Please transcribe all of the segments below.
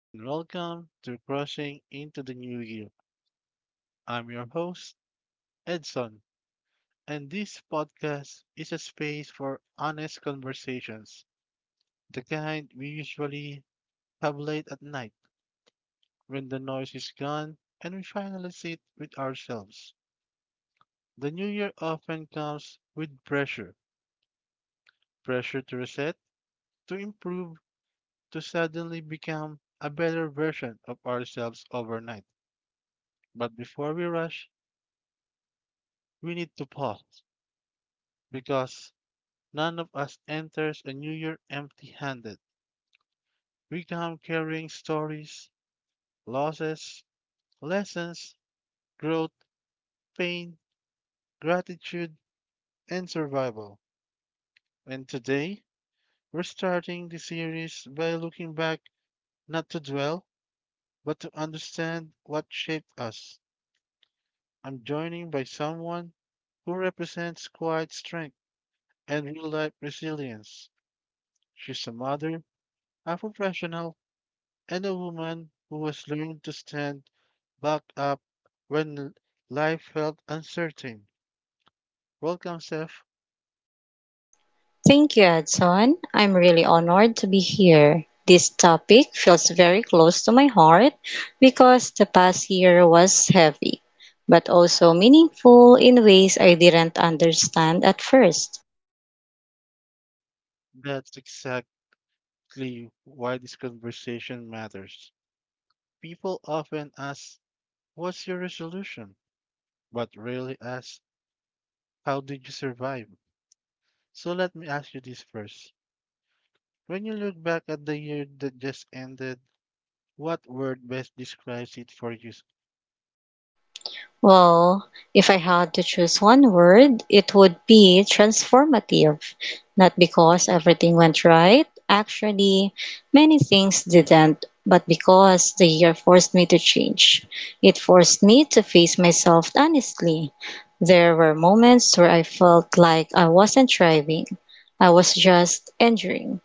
and welcome to Crushing into the New Year. I'm your host, Edson, and this podcast is a space for honest conversations, the kind we usually have late at night when the noise is gone and we finally sit with ourselves. The new year often comes with pressure pressure to reset, to improve, to suddenly become a better version of ourselves overnight. But before we rush, we need to pause because none of us enters a new year empty handed. We come carrying stories, losses, lessons, growth, pain, gratitude, and survival. And today, we're starting the series by looking back, not to dwell, but to understand what shaped us. I'm joining by someone who represents quiet strength and real life resilience. She's a mother, a professional, and a woman who has learned to stand back up when l- life felt uncertain. Welcome, Seth. Thank you, Edson. I'm really honored to be here. This topic feels very close to my heart because the past year was heavy, but also meaningful in ways I didn't understand at first. That's exactly why this conversation matters. People often ask, what's your resolution? But rarely ask, how did you survive? So let me ask you this first. When you look back at the year that just ended, what word best describes it for you? Well, if I had to choose one word, it would be transformative. Not because everything went right. Actually, many things didn't, but because the year forced me to change. It forced me to face myself honestly. There were moments where I felt like I wasn't thriving. I was just enduring.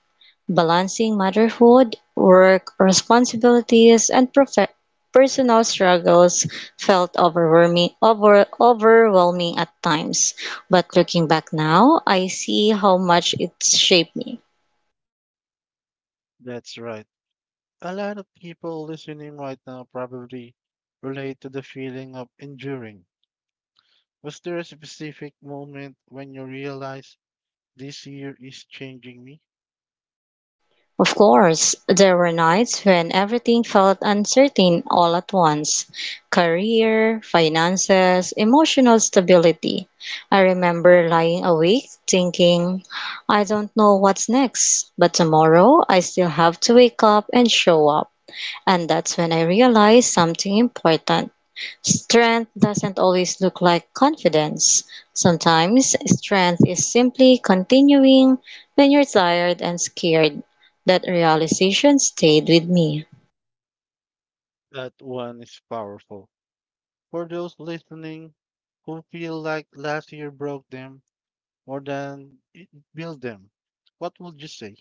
Balancing motherhood, work responsibilities, and personal struggles felt overwhelming at times. But looking back now, I see how much it shaped me. That's right. A lot of people listening right now probably relate to the feeling of enduring. Was there a specific moment when you realized this year is changing me? Of course, there were nights when everything felt uncertain all at once: career, finances, emotional stability. I remember lying awake thinking, "I don't know what's next, but tomorrow I still have to wake up and show up." And that's when I realized something important. Strength doesn't always look like confidence. Sometimes, strength is simply continuing when you're tired and scared. That realization stayed with me. That one is powerful. For those listening who feel like last year broke them more than it built them, what would you say?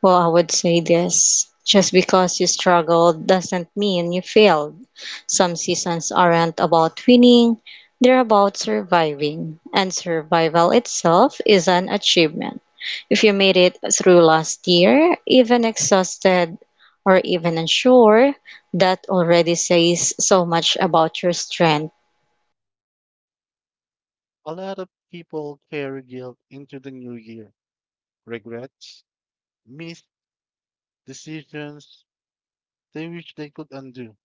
Well, I would say this. Just because you struggled doesn't mean you failed. Some seasons aren't about winning, they're about surviving. And survival itself is an achievement. If you made it through last year, even exhausted or even unsure, that already says so much about your strength. A lot of people carry guilt into the new year, regrets, missed decisions they wish they could undo.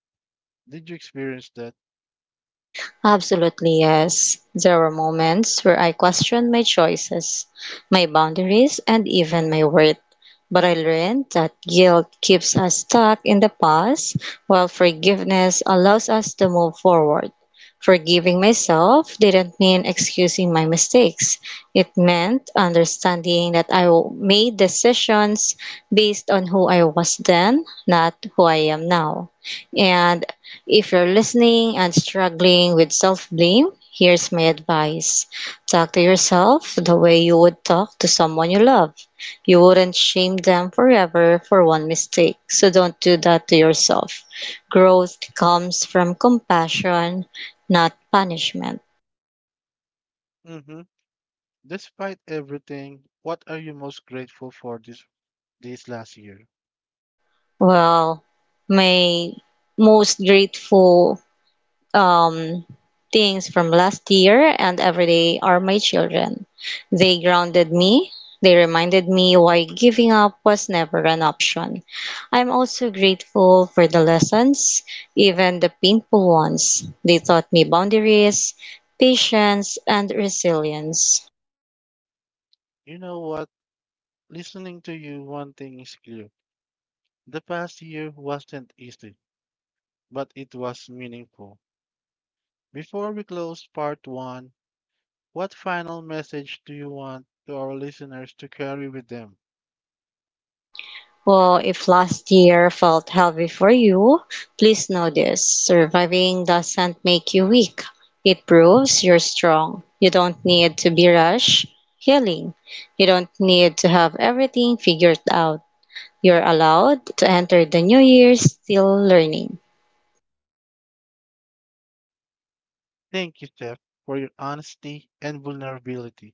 Did you experience that? Absolutely, yes. There were moments where I questioned my choices, my boundaries, and even my worth. But I learned that guilt keeps us stuck in the past, while forgiveness allows us to move forward. Forgiving myself didn't mean excusing my mistakes. It meant understanding that I made decisions based on who I was then, not who I am now. And if you're listening and struggling with self blame, here's my advice. Talk to yourself the way you would talk to someone you love. You wouldn't shame them forever for one mistake, so don't do that to yourself. Growth comes from compassion, not punishment. Mhm. Despite everything, what are you most grateful for this last year? Well, my most grateful um, things from last year and every day are my children. They grounded me. They reminded me why giving up was never an option. I'm also grateful for the lessons, even the painful ones. They taught me boundaries, patience, and resilience. You know what? Listening to you, one thing is clear. The past year wasn't easy, but it was meaningful. Before we close part one, what final message do you want to our listeners to carry with them? Well, if last year felt heavy for you, please know this. Surviving doesn't make you weak. It proves you're strong. You don't need to be rushed healing. You don't need to have everything figured out. You're allowed to enter the new year still learning. Thank you, Steph, for your honesty and vulnerability.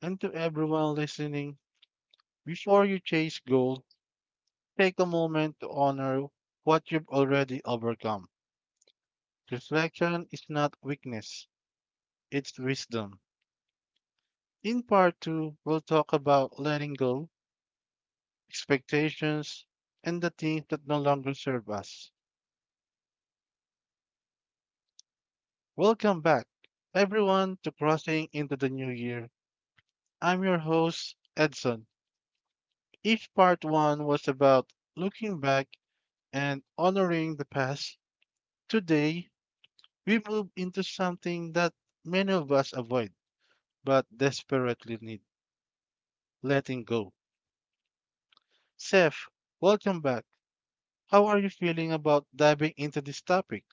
And to everyone listening, before you chase gold, take a moment to honor what you've already overcome. Reflection is not weakness, it's wisdom. In part two, we'll talk about letting go, expectations, and the things that no longer serve us. Welcome back, everyone, to Crossing into the New Year. I'm your host, Edson. Each part one was about looking back and honoring the past. Today, we move into something that many of us avoid but desperately need: letting go. Seth, welcome back. How are you feeling about diving into this topic?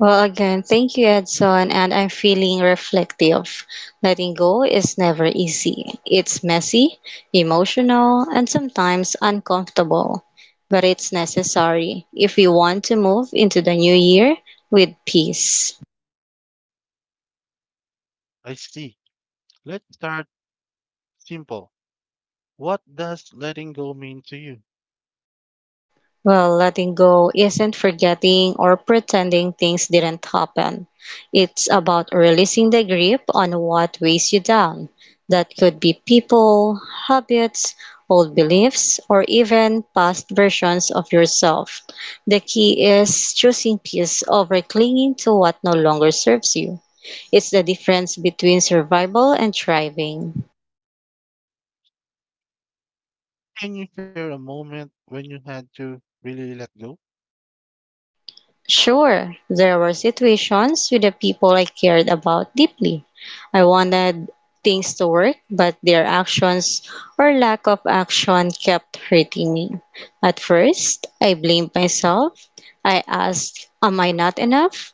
Well, again, thank you, Edson. And I'm feeling reflective. Letting go is never easy. It's messy, emotional, and sometimes uncomfortable. But it's necessary if we want to move into the new year with peace. I see. Let's start simple. What does letting go mean to you? Well, letting go isn't forgetting or pretending things didn't happen. It's about releasing the grip on what weighs you down. That could be people, habits, old beliefs, or even past versions of yourself. The key is choosing peace over clinging to what no longer serves you. It's the difference between survival and thriving. Can you share a moment when you had to really let go? Sure, there were situations with the people I cared about deeply. I wanted things to work, but their actions or lack of action kept hurting me. At first, I blamed myself. I asked, "Am I not enough?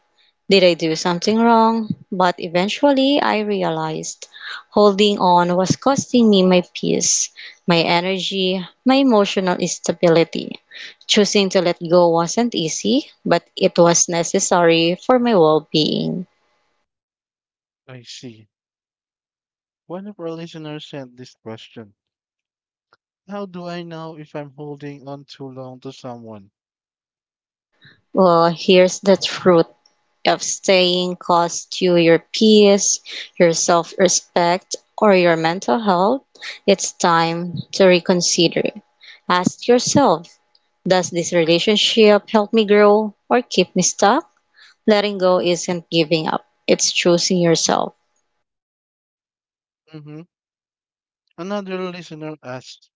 Did I do something wrong?" But eventually, I realized holding on was costing me my peace, my energy, my emotional stability. Choosing to let go wasn't easy, but it was necessary for my well being. I see. One of our listeners sent this question. How do I know if I'm holding on too long to someone? Well, here's the truth of staying costs you your peace, your self respect, or your mental health. It's time to reconsider. Ask yourself, does this relationship help me grow or keep me stuck? Letting go isn't giving up, it's choosing yourself. Hmm. Another listener asked,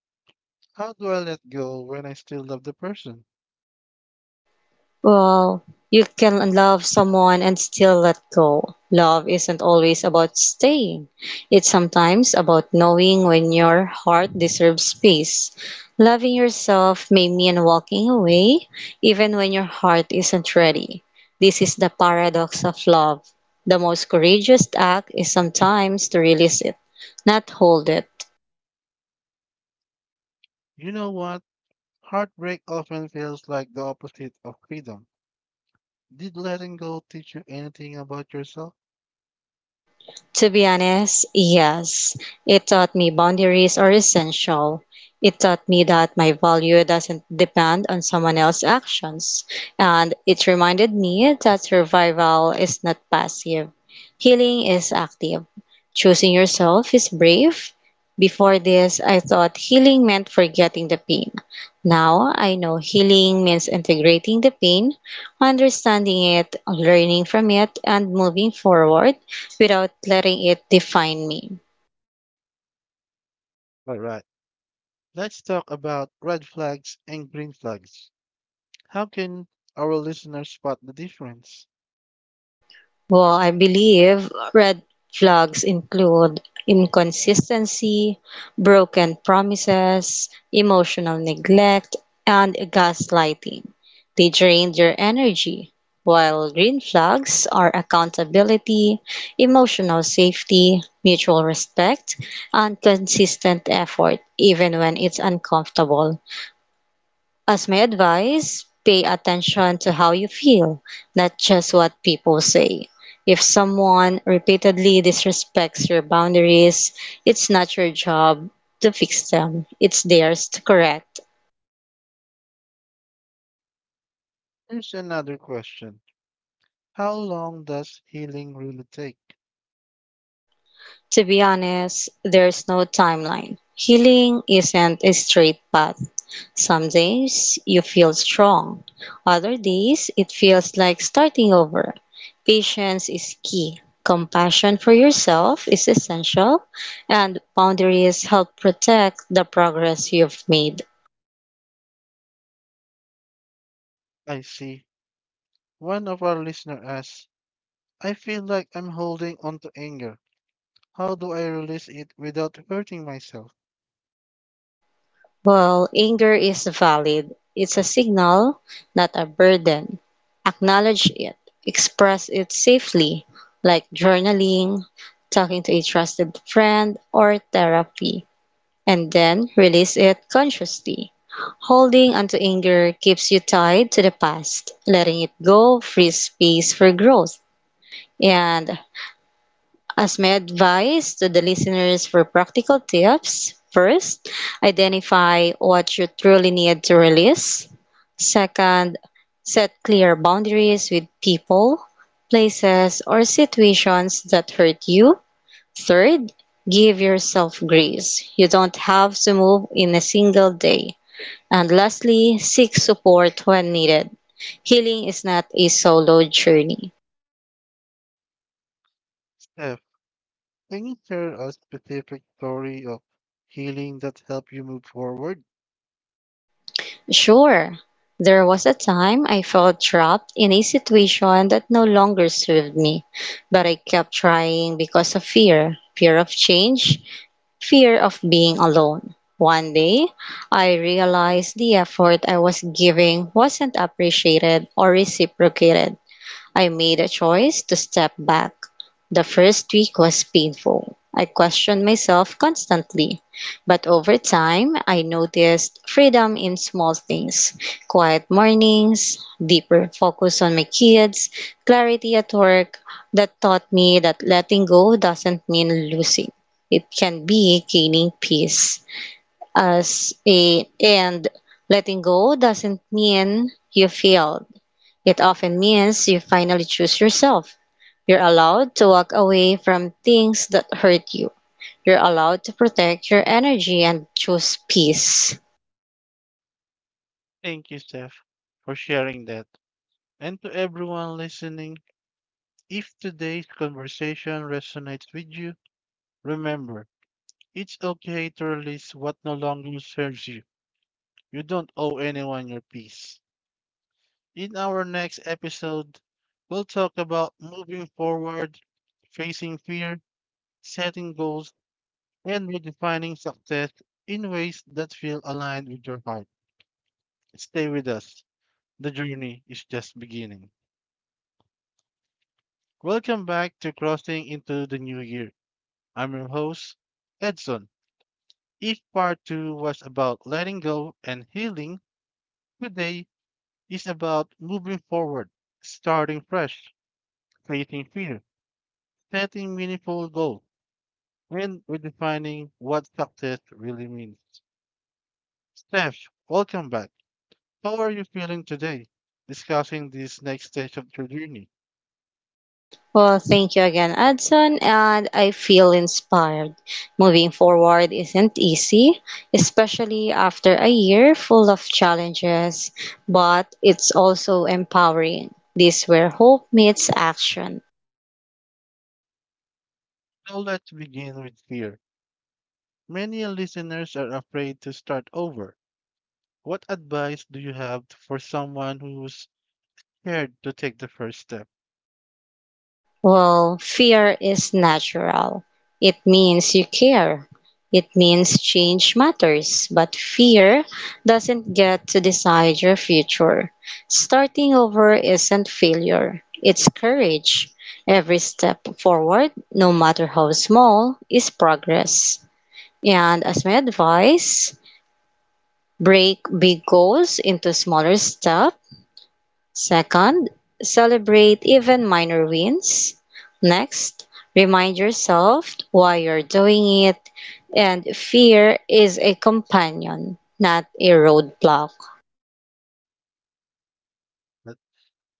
how do I let go when I still love the person? Well, you can love someone and still let go. Love isn't always about staying. It's sometimes about knowing when your heart deserves peace. Loving yourself may mean walking away even when your heart isn't ready. This is the paradox of love. The most courageous act is sometimes to release it, not hold it. You know what? Heartbreak often feels like the opposite of freedom. Did letting go teach you anything about yourself? To be honest, yes. It taught me boundaries are essential. It taught me that my value doesn't depend on someone else's actions. And it reminded me that survival is not passive, healing is active. Choosing yourself is brave. Before this, I thought healing meant forgetting the pain. Now I know healing means integrating the pain, understanding it, learning from it, and moving forward without letting it define me. All right. Let's talk about red flags and green flags. How can our listeners spot the difference? Well, I believe red flags include inconsistency, broken promises, emotional neglect, and gaslighting. They drain your energy, while green flags are accountability, emotional safety, mutual respect, and consistent effort, even when it's uncomfortable. As my advice, pay attention to how you feel, not just what people say. If someone repeatedly disrespects your boundaries, it's not your job to fix them, it's theirs to correct. Here's another question. How long does healing really take? To be honest, there's no timeline. Healing isn't a straight path. Some days you feel strong, other days it feels like starting over. Patience is key. Compassion for yourself is essential, and boundaries help protect the progress you've made. I see. One of our listeners asks, I feel like I'm holding on to anger. How do I release it without hurting myself? While anger is valid, it's a signal, not a burden. Acknowledge it, express it safely, like journaling, talking to a trusted friend, or therapy, and then release it consciously. Holding onto anger keeps you tied to the past. Letting it go frees space for growth. And as my advice to the listeners for practical tips, first, identify what you truly need to release. Second, set clear boundaries with people, places, or situations that hurt you. Third, give yourself grace. You don't have to move in a single day. And lastly, seek support when needed. Healing is not a solo journey. Steph, can you share a specific story of healing that helped you move forward? Sure, there was a time I felt trapped in a situation that no longer served me, but I kept trying because of fear of change, fear of being alone. One day, I realized the effort I was giving wasn't appreciated or reciprocated. I made a choice to step back. The first week was painful. I questioned myself constantly, but over time, I noticed freedom in small things: quiet mornings, deeper focus on my kids, clarity at work. That taught me that letting go doesn't mean losing. It can be gaining peace. As a and letting go doesn't mean you failed. It often means you finally choose yourself. You're allowed to walk away from things that hurt you. You're allowed to protect your energy and choose peace. Thank you, Steph, for sharing that. And to everyone listening, if today's conversation resonates with you, remember, it's okay to release what no longer serves you. You don't owe anyone your peace. In our next episode, we'll talk about moving forward, facing fear, setting goals, and redefining success in ways that feel aligned with your heart. Stay with us. The journey is just beginning. Welcome back to Crossing into the New Year. I'm your host, Edson. If part two was about letting go and healing, today is about moving forward, starting fresh, facing fear, setting meaningful goals, and redefining what success really means. Steph, welcome back. How are you feeling today, discussing this next stage of your journey? Well, thank you again, Adson, and I feel inspired. Moving forward isn't easy, especially after a year full of challenges, but it's also empowering. This where hope meets action. Now let's begin with fear. Many listeners are afraid to start over. What advice do you have for someone who's scared to take the first step? Well, fear is natural. It means you care. It means change matters. But fear doesn't get to decide your future. Starting over isn't failure, it's courage. Every step forward, no matter how small, is progress. And as my advice, break big goals into smaller steps. Second, celebrate even minor wins. Next, remind yourself why you're doing it, and fear is a companion, not a roadblock. Let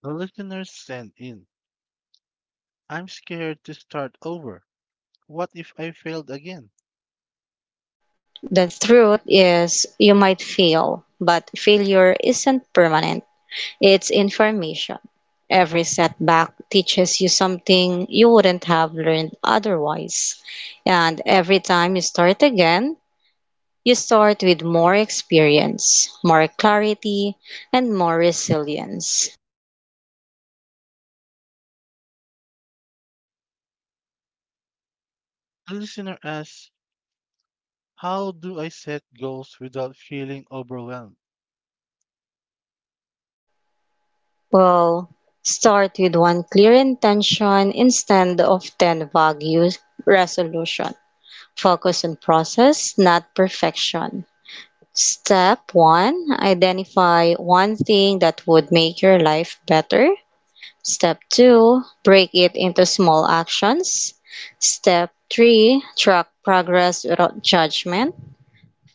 the listeners send in. I'm scared to start over. What if I failed again? The truth is, you might fail, but failure isn't permanent, it's information. Every setback teaches you something you wouldn't have learned otherwise. And every time you start again, you start with more experience, more clarity, and more resilience. A listener asks, how do I set goals without feeling overwhelmed? Well, start with one clear intention instead of 10 vague resolution. Focus on process, not perfection. Step 1, identify one thing that would make your life better. Step 2, break it into small actions. Step 3, track progress without judgment.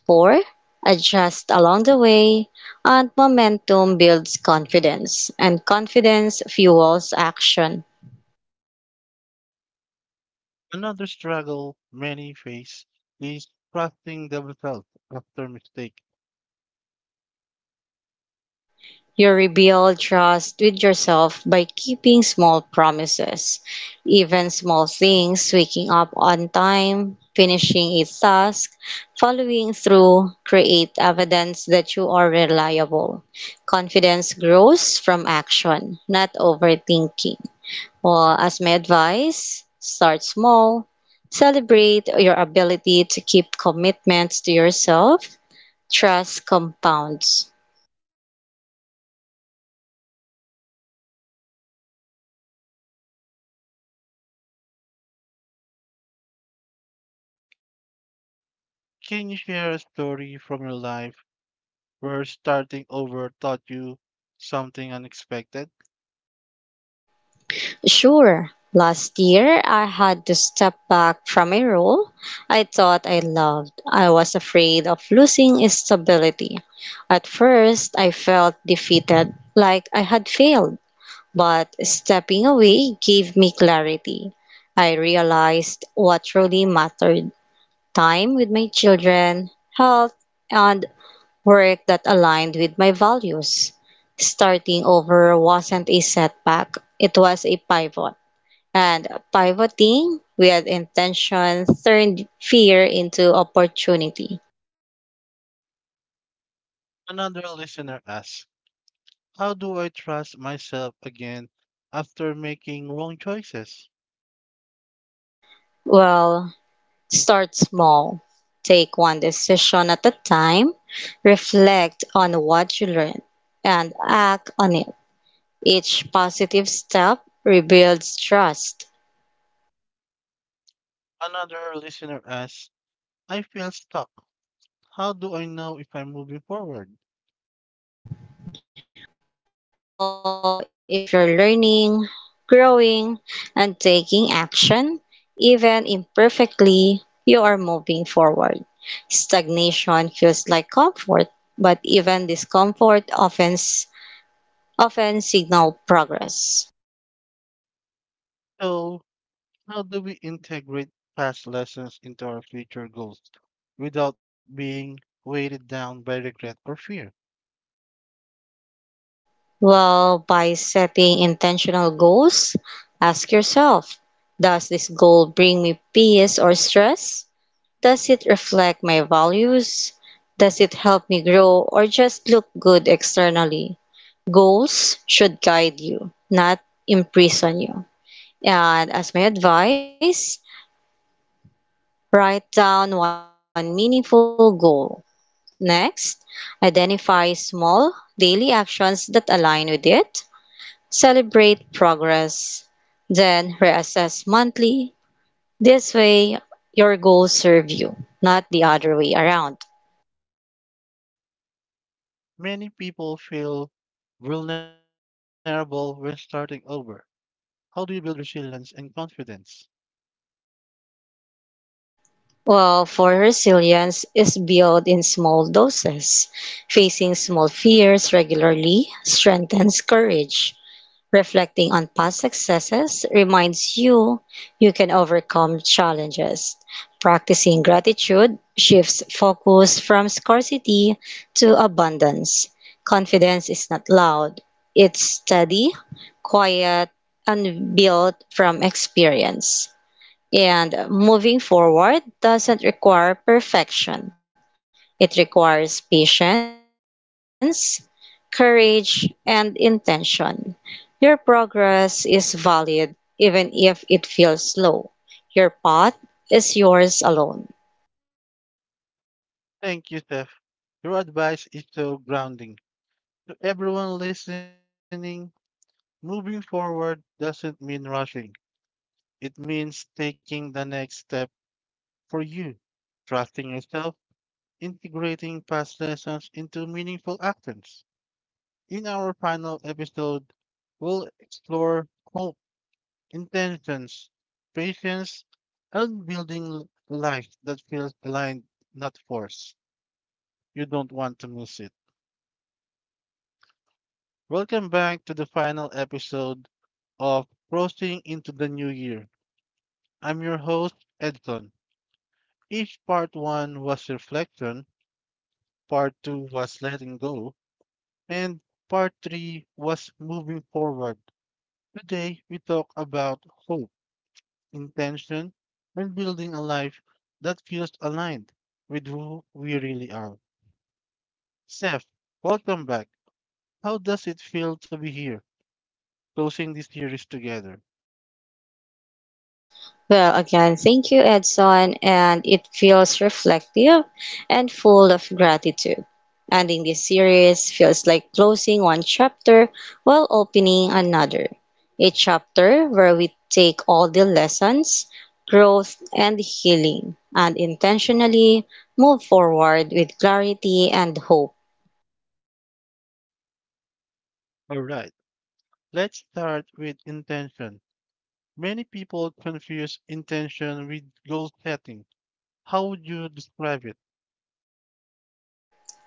Four, adjust along the way, and momentum builds confidence, and confidence fuels action. Another struggle many face is trusting themselves after mistake. You rebuild trust with yourself by keeping small promises, even small things: waking up on time, finishing a task, following through. Create evidence that you are reliable. Confidence grows from action, not overthinking. Well, as my advice, start small. Celebrate your ability to keep commitments to yourself. Trust compounds. Can you share a story from your life where starting over taught you something unexpected? Sure, last year I had to step back from a role I thought I loved. I was afraid of losing its stability. At first, I felt defeated, like I had failed. But stepping away gave me clarity. I realized what truly mattered: time with my children, health, and work that aligned with my values. Starting over wasn't a setback, it was a pivot. And pivoting with intention turned fear into opportunity. Another listener asks, how do I trust myself again after making wrong choices? Well, start small. Take one decision at a time, reflect on what you learned, and act on it. Each positive step rebuilds trust. Another listener asks, I feel stuck. How do I know if I'm moving forward? Well, if you're learning, growing, and taking action, even imperfectly, you are moving forward. Stagnation feels like comfort, but even discomfort often signal progress. So, how do we integrate past lessons into our future goals without being weighted down by regret or fear? Well, by setting intentional goals, ask yourself, does this goal bring me peace or stress? Does it reflect my values? Does it help me grow or just look good externally? Goals should guide you, not imprison you. And as my advice, write down one meaningful goal. Next, identify small daily actions that align with it. Celebrate progress. Then reassess monthly. This way, your goals serve you, not the other way around. Many people feel vulnerable when starting over. How do you build resilience and confidence? Well, for resilience is built in small doses. Facing small fears regularly strengthens courage. Reflecting on past successes reminds you can overcome challenges. Practicing gratitude shifts focus from scarcity to abundance. Confidence is not loud, it's steady, quiet, and built from experience. And moving forward doesn't require perfection. It requires patience, courage, and intention. Your progress is valid even if it feels slow. Your path is yours alone. Thank you, Steph. Your advice is so grounding. To everyone listening, moving forward doesn't mean rushing. It means taking the next step for you, trusting yourself, integrating past lessons into meaningful actions. In our final episode, we'll explore hope, intentions, patience, and building a life that feels aligned, not forced. You don't want to miss it. Welcome back to the final episode of Crossing into the New Year. I'm your host, Edson. If part one was reflection, part two was letting go, and part three was moving forward. Today, we talk about hope, intention, and building a life that feels aligned with who we really are. Seth, welcome back. How does it feel to be here, closing this series together? Well, again, thank you, Edson, and it feels reflective and full of gratitude. Ending this series feels like closing one chapter while opening another. A chapter where we take all the lessons, growth, and healing and intentionally move forward with clarity and hope. All right, let's start with intention. Many people confuse intention with goal setting. How would you describe it?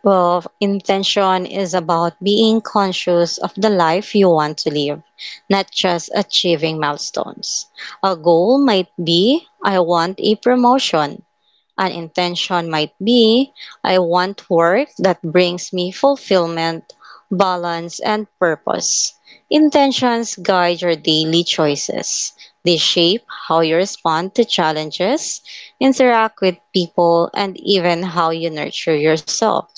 Well, intention is about being conscious of the life you want to live, not just achieving milestones. A goal might be I want a promotion, an intention might be I want work that brings me fulfillment, balance, and purpose. Intentions guide your daily choices. They shape how you respond to challenges, interact with people, and even how you nurture yourself.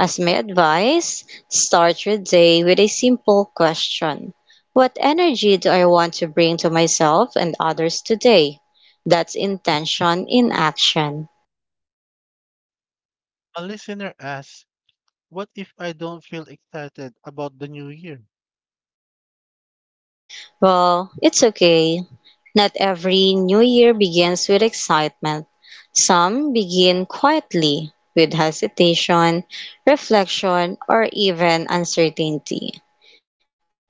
As my advice, start your day with a simple question: what energy do I want to bring to myself and others today? That's intention in action. A listener asks, what if I don't feel excited about the new year? Well, it's okay. Not every new year begins with excitement. Some begin quietly, with hesitation, reflection, or even uncertainty.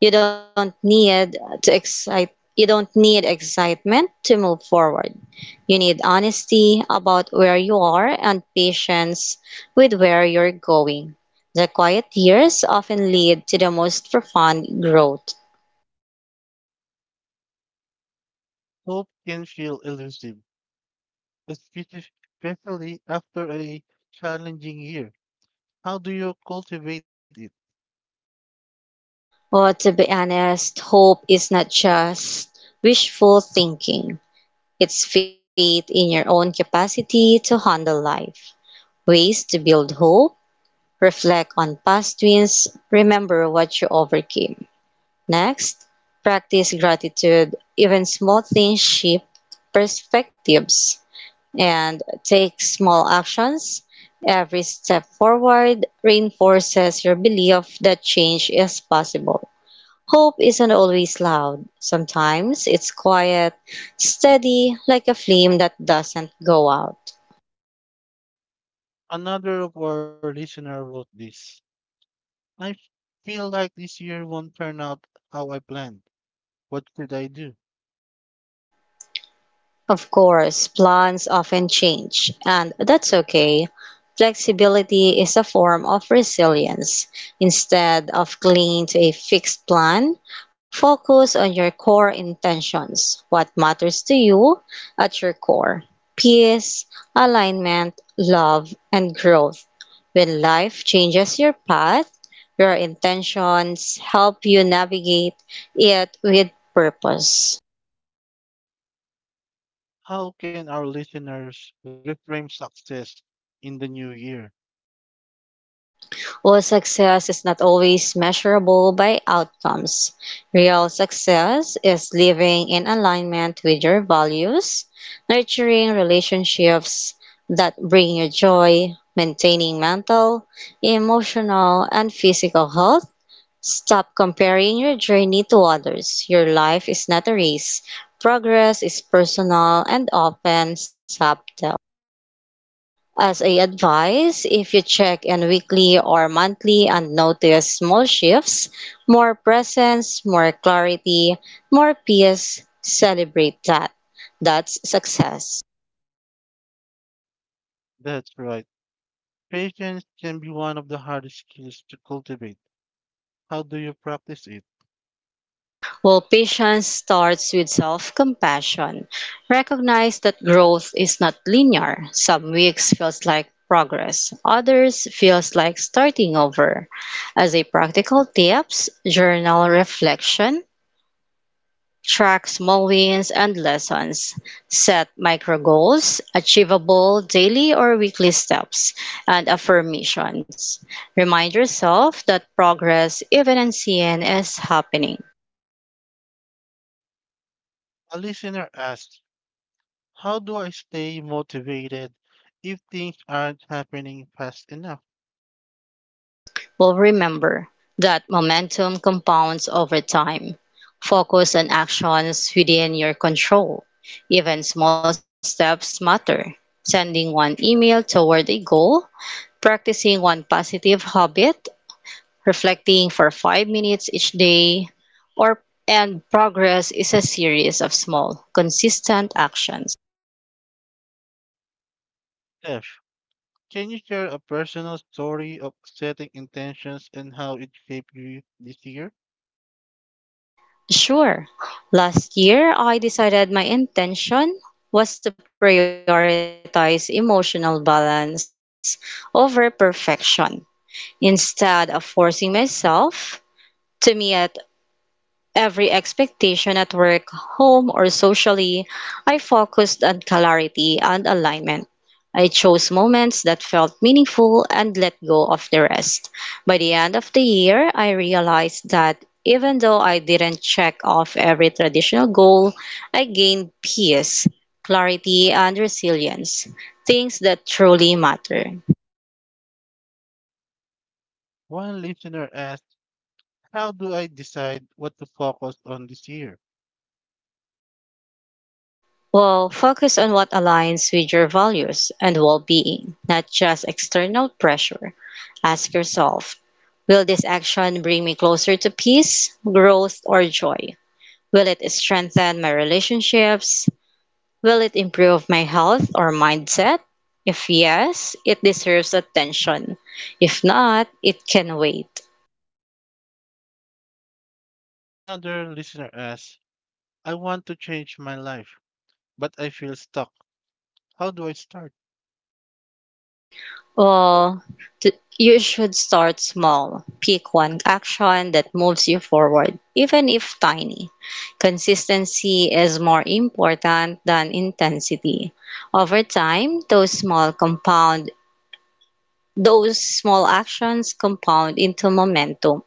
You don't need you don't need excitement to move forward. You need honesty about where you are and patience with where you're going. The quiet years often lead to the most profound growth. Hope can feel elusive, especi- especially after a challenging year. How do you cultivate it? Well, to be honest, hope is not just wishful thinking. It's faith in your own capacity to handle life. Ways to build hope: reflect on past wins, remember what you overcame. Next, practice gratitude. Even small things shift perspectives, and take small actions. Every step forward reinforces your belief that change is possible. Hope isn't always loud. Sometimes it's quiet, steady, like a flame that doesn't go out. Another of our listeners wrote this. I f- feel like this year won't turn out how I planned. What should I do? Of course, plans often change, and that's okay. Flexibility is a form of resilience. Instead of clinging to a fixed plan, focus on your core intentions, what matters to you at your core: peace, alignment, love, and growth. When life changes your path, your intentions help you navigate it with purpose. How can our listeners reframe success in the new year? While success is not always measurable by outcomes, real success is living in alignment with your values, nurturing relationships that bring you joy, maintaining mental, emotional, and physical health. Stop comparing your journey to others. Your life is not a race. Progress is personal and often subtle. As a advice, if you check in weekly or monthly and notice small shifts, more presence, more clarity, more peace, celebrate that. That's success. That's right. Patience can be one of the hardest skills to cultivate. How do you practice it? Well, patience starts with self compassion. Recognize that growth is not linear. Some weeks feels like progress, others feels like starting over. As a practical tips, journal reflection: track small wins and lessons. Set micro goals, achievable daily or weekly steps, and affirmations. Remind yourself that progress, even unseen, is happening. A listener asked, how do I stay motivated if things aren't happening fast enough? Well, remember that momentum compounds over time. Focus on actions within your control. Even small steps matter. Sending one email toward a goal, practicing one positive habit, reflecting for 5 minutes each day, or and progress is a series of small, consistent actions. Steph, can you share a personal story of setting intentions and how it shaped you this year? Sure. Last year, I decided my intention was to prioritize emotional balance over perfection. Instead of forcing myself to meet every expectation at work, home, or socially, I focused on clarity and alignment. I chose moments that felt meaningful and let go of the rest. By the end of the year, I realized that even though I didn't check off every traditional goal, I gained peace, clarity, and resilience, things that truly matter. One listener asked, how do I decide what to focus on this year? Well, focus on what aligns with your values and well being, not just external pressure. Ask yourself: will this action bring me closer to peace, growth, or joy? Will it strengthen my relationships? Will it improve my health or mindset? If yes, it deserves attention. If not, it can wait. Another listener asked, I want to change my life, but I feel stuck. How do I start? Well, t- you should start small. Pick one action that moves you forward, even if tiny. Consistency is more important than intensity. Over time, those small actions compound into momentum.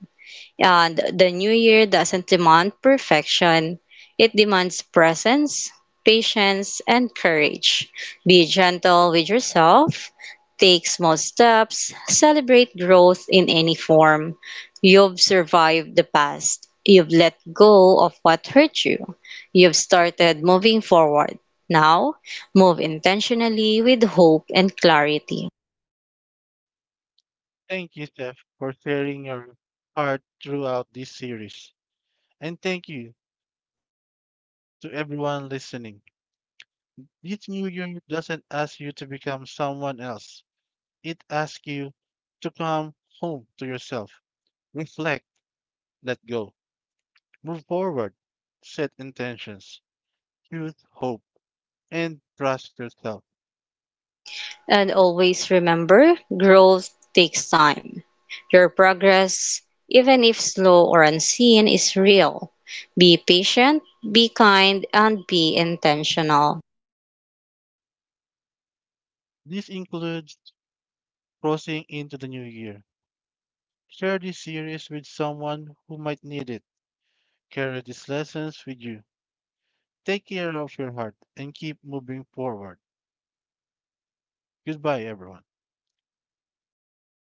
And the new year doesn't demand perfection, it demands presence, patience, and courage. Be gentle with yourself, take small steps, celebrate growth in any form. You've survived the past, you've let go of what hurt you, you've started moving forward. Now, move intentionally with hope and clarity. Thank you, Steph, for sharing your heart throughout this series. And thank you to everyone listening. This new unit doesn't ask you to become someone else. It asks you to come home to yourself, reflect, let go, move forward, set intentions, choose hope, and trust yourself. And always remember, growth takes time. Your progress, even if slow or unseen, is real. Be patient, be kind, and be intentional. This includes crossing into the new year. Share this series with someone who might need it. Carry these lessons with you. Take care of your heart and keep moving forward. Goodbye, everyone.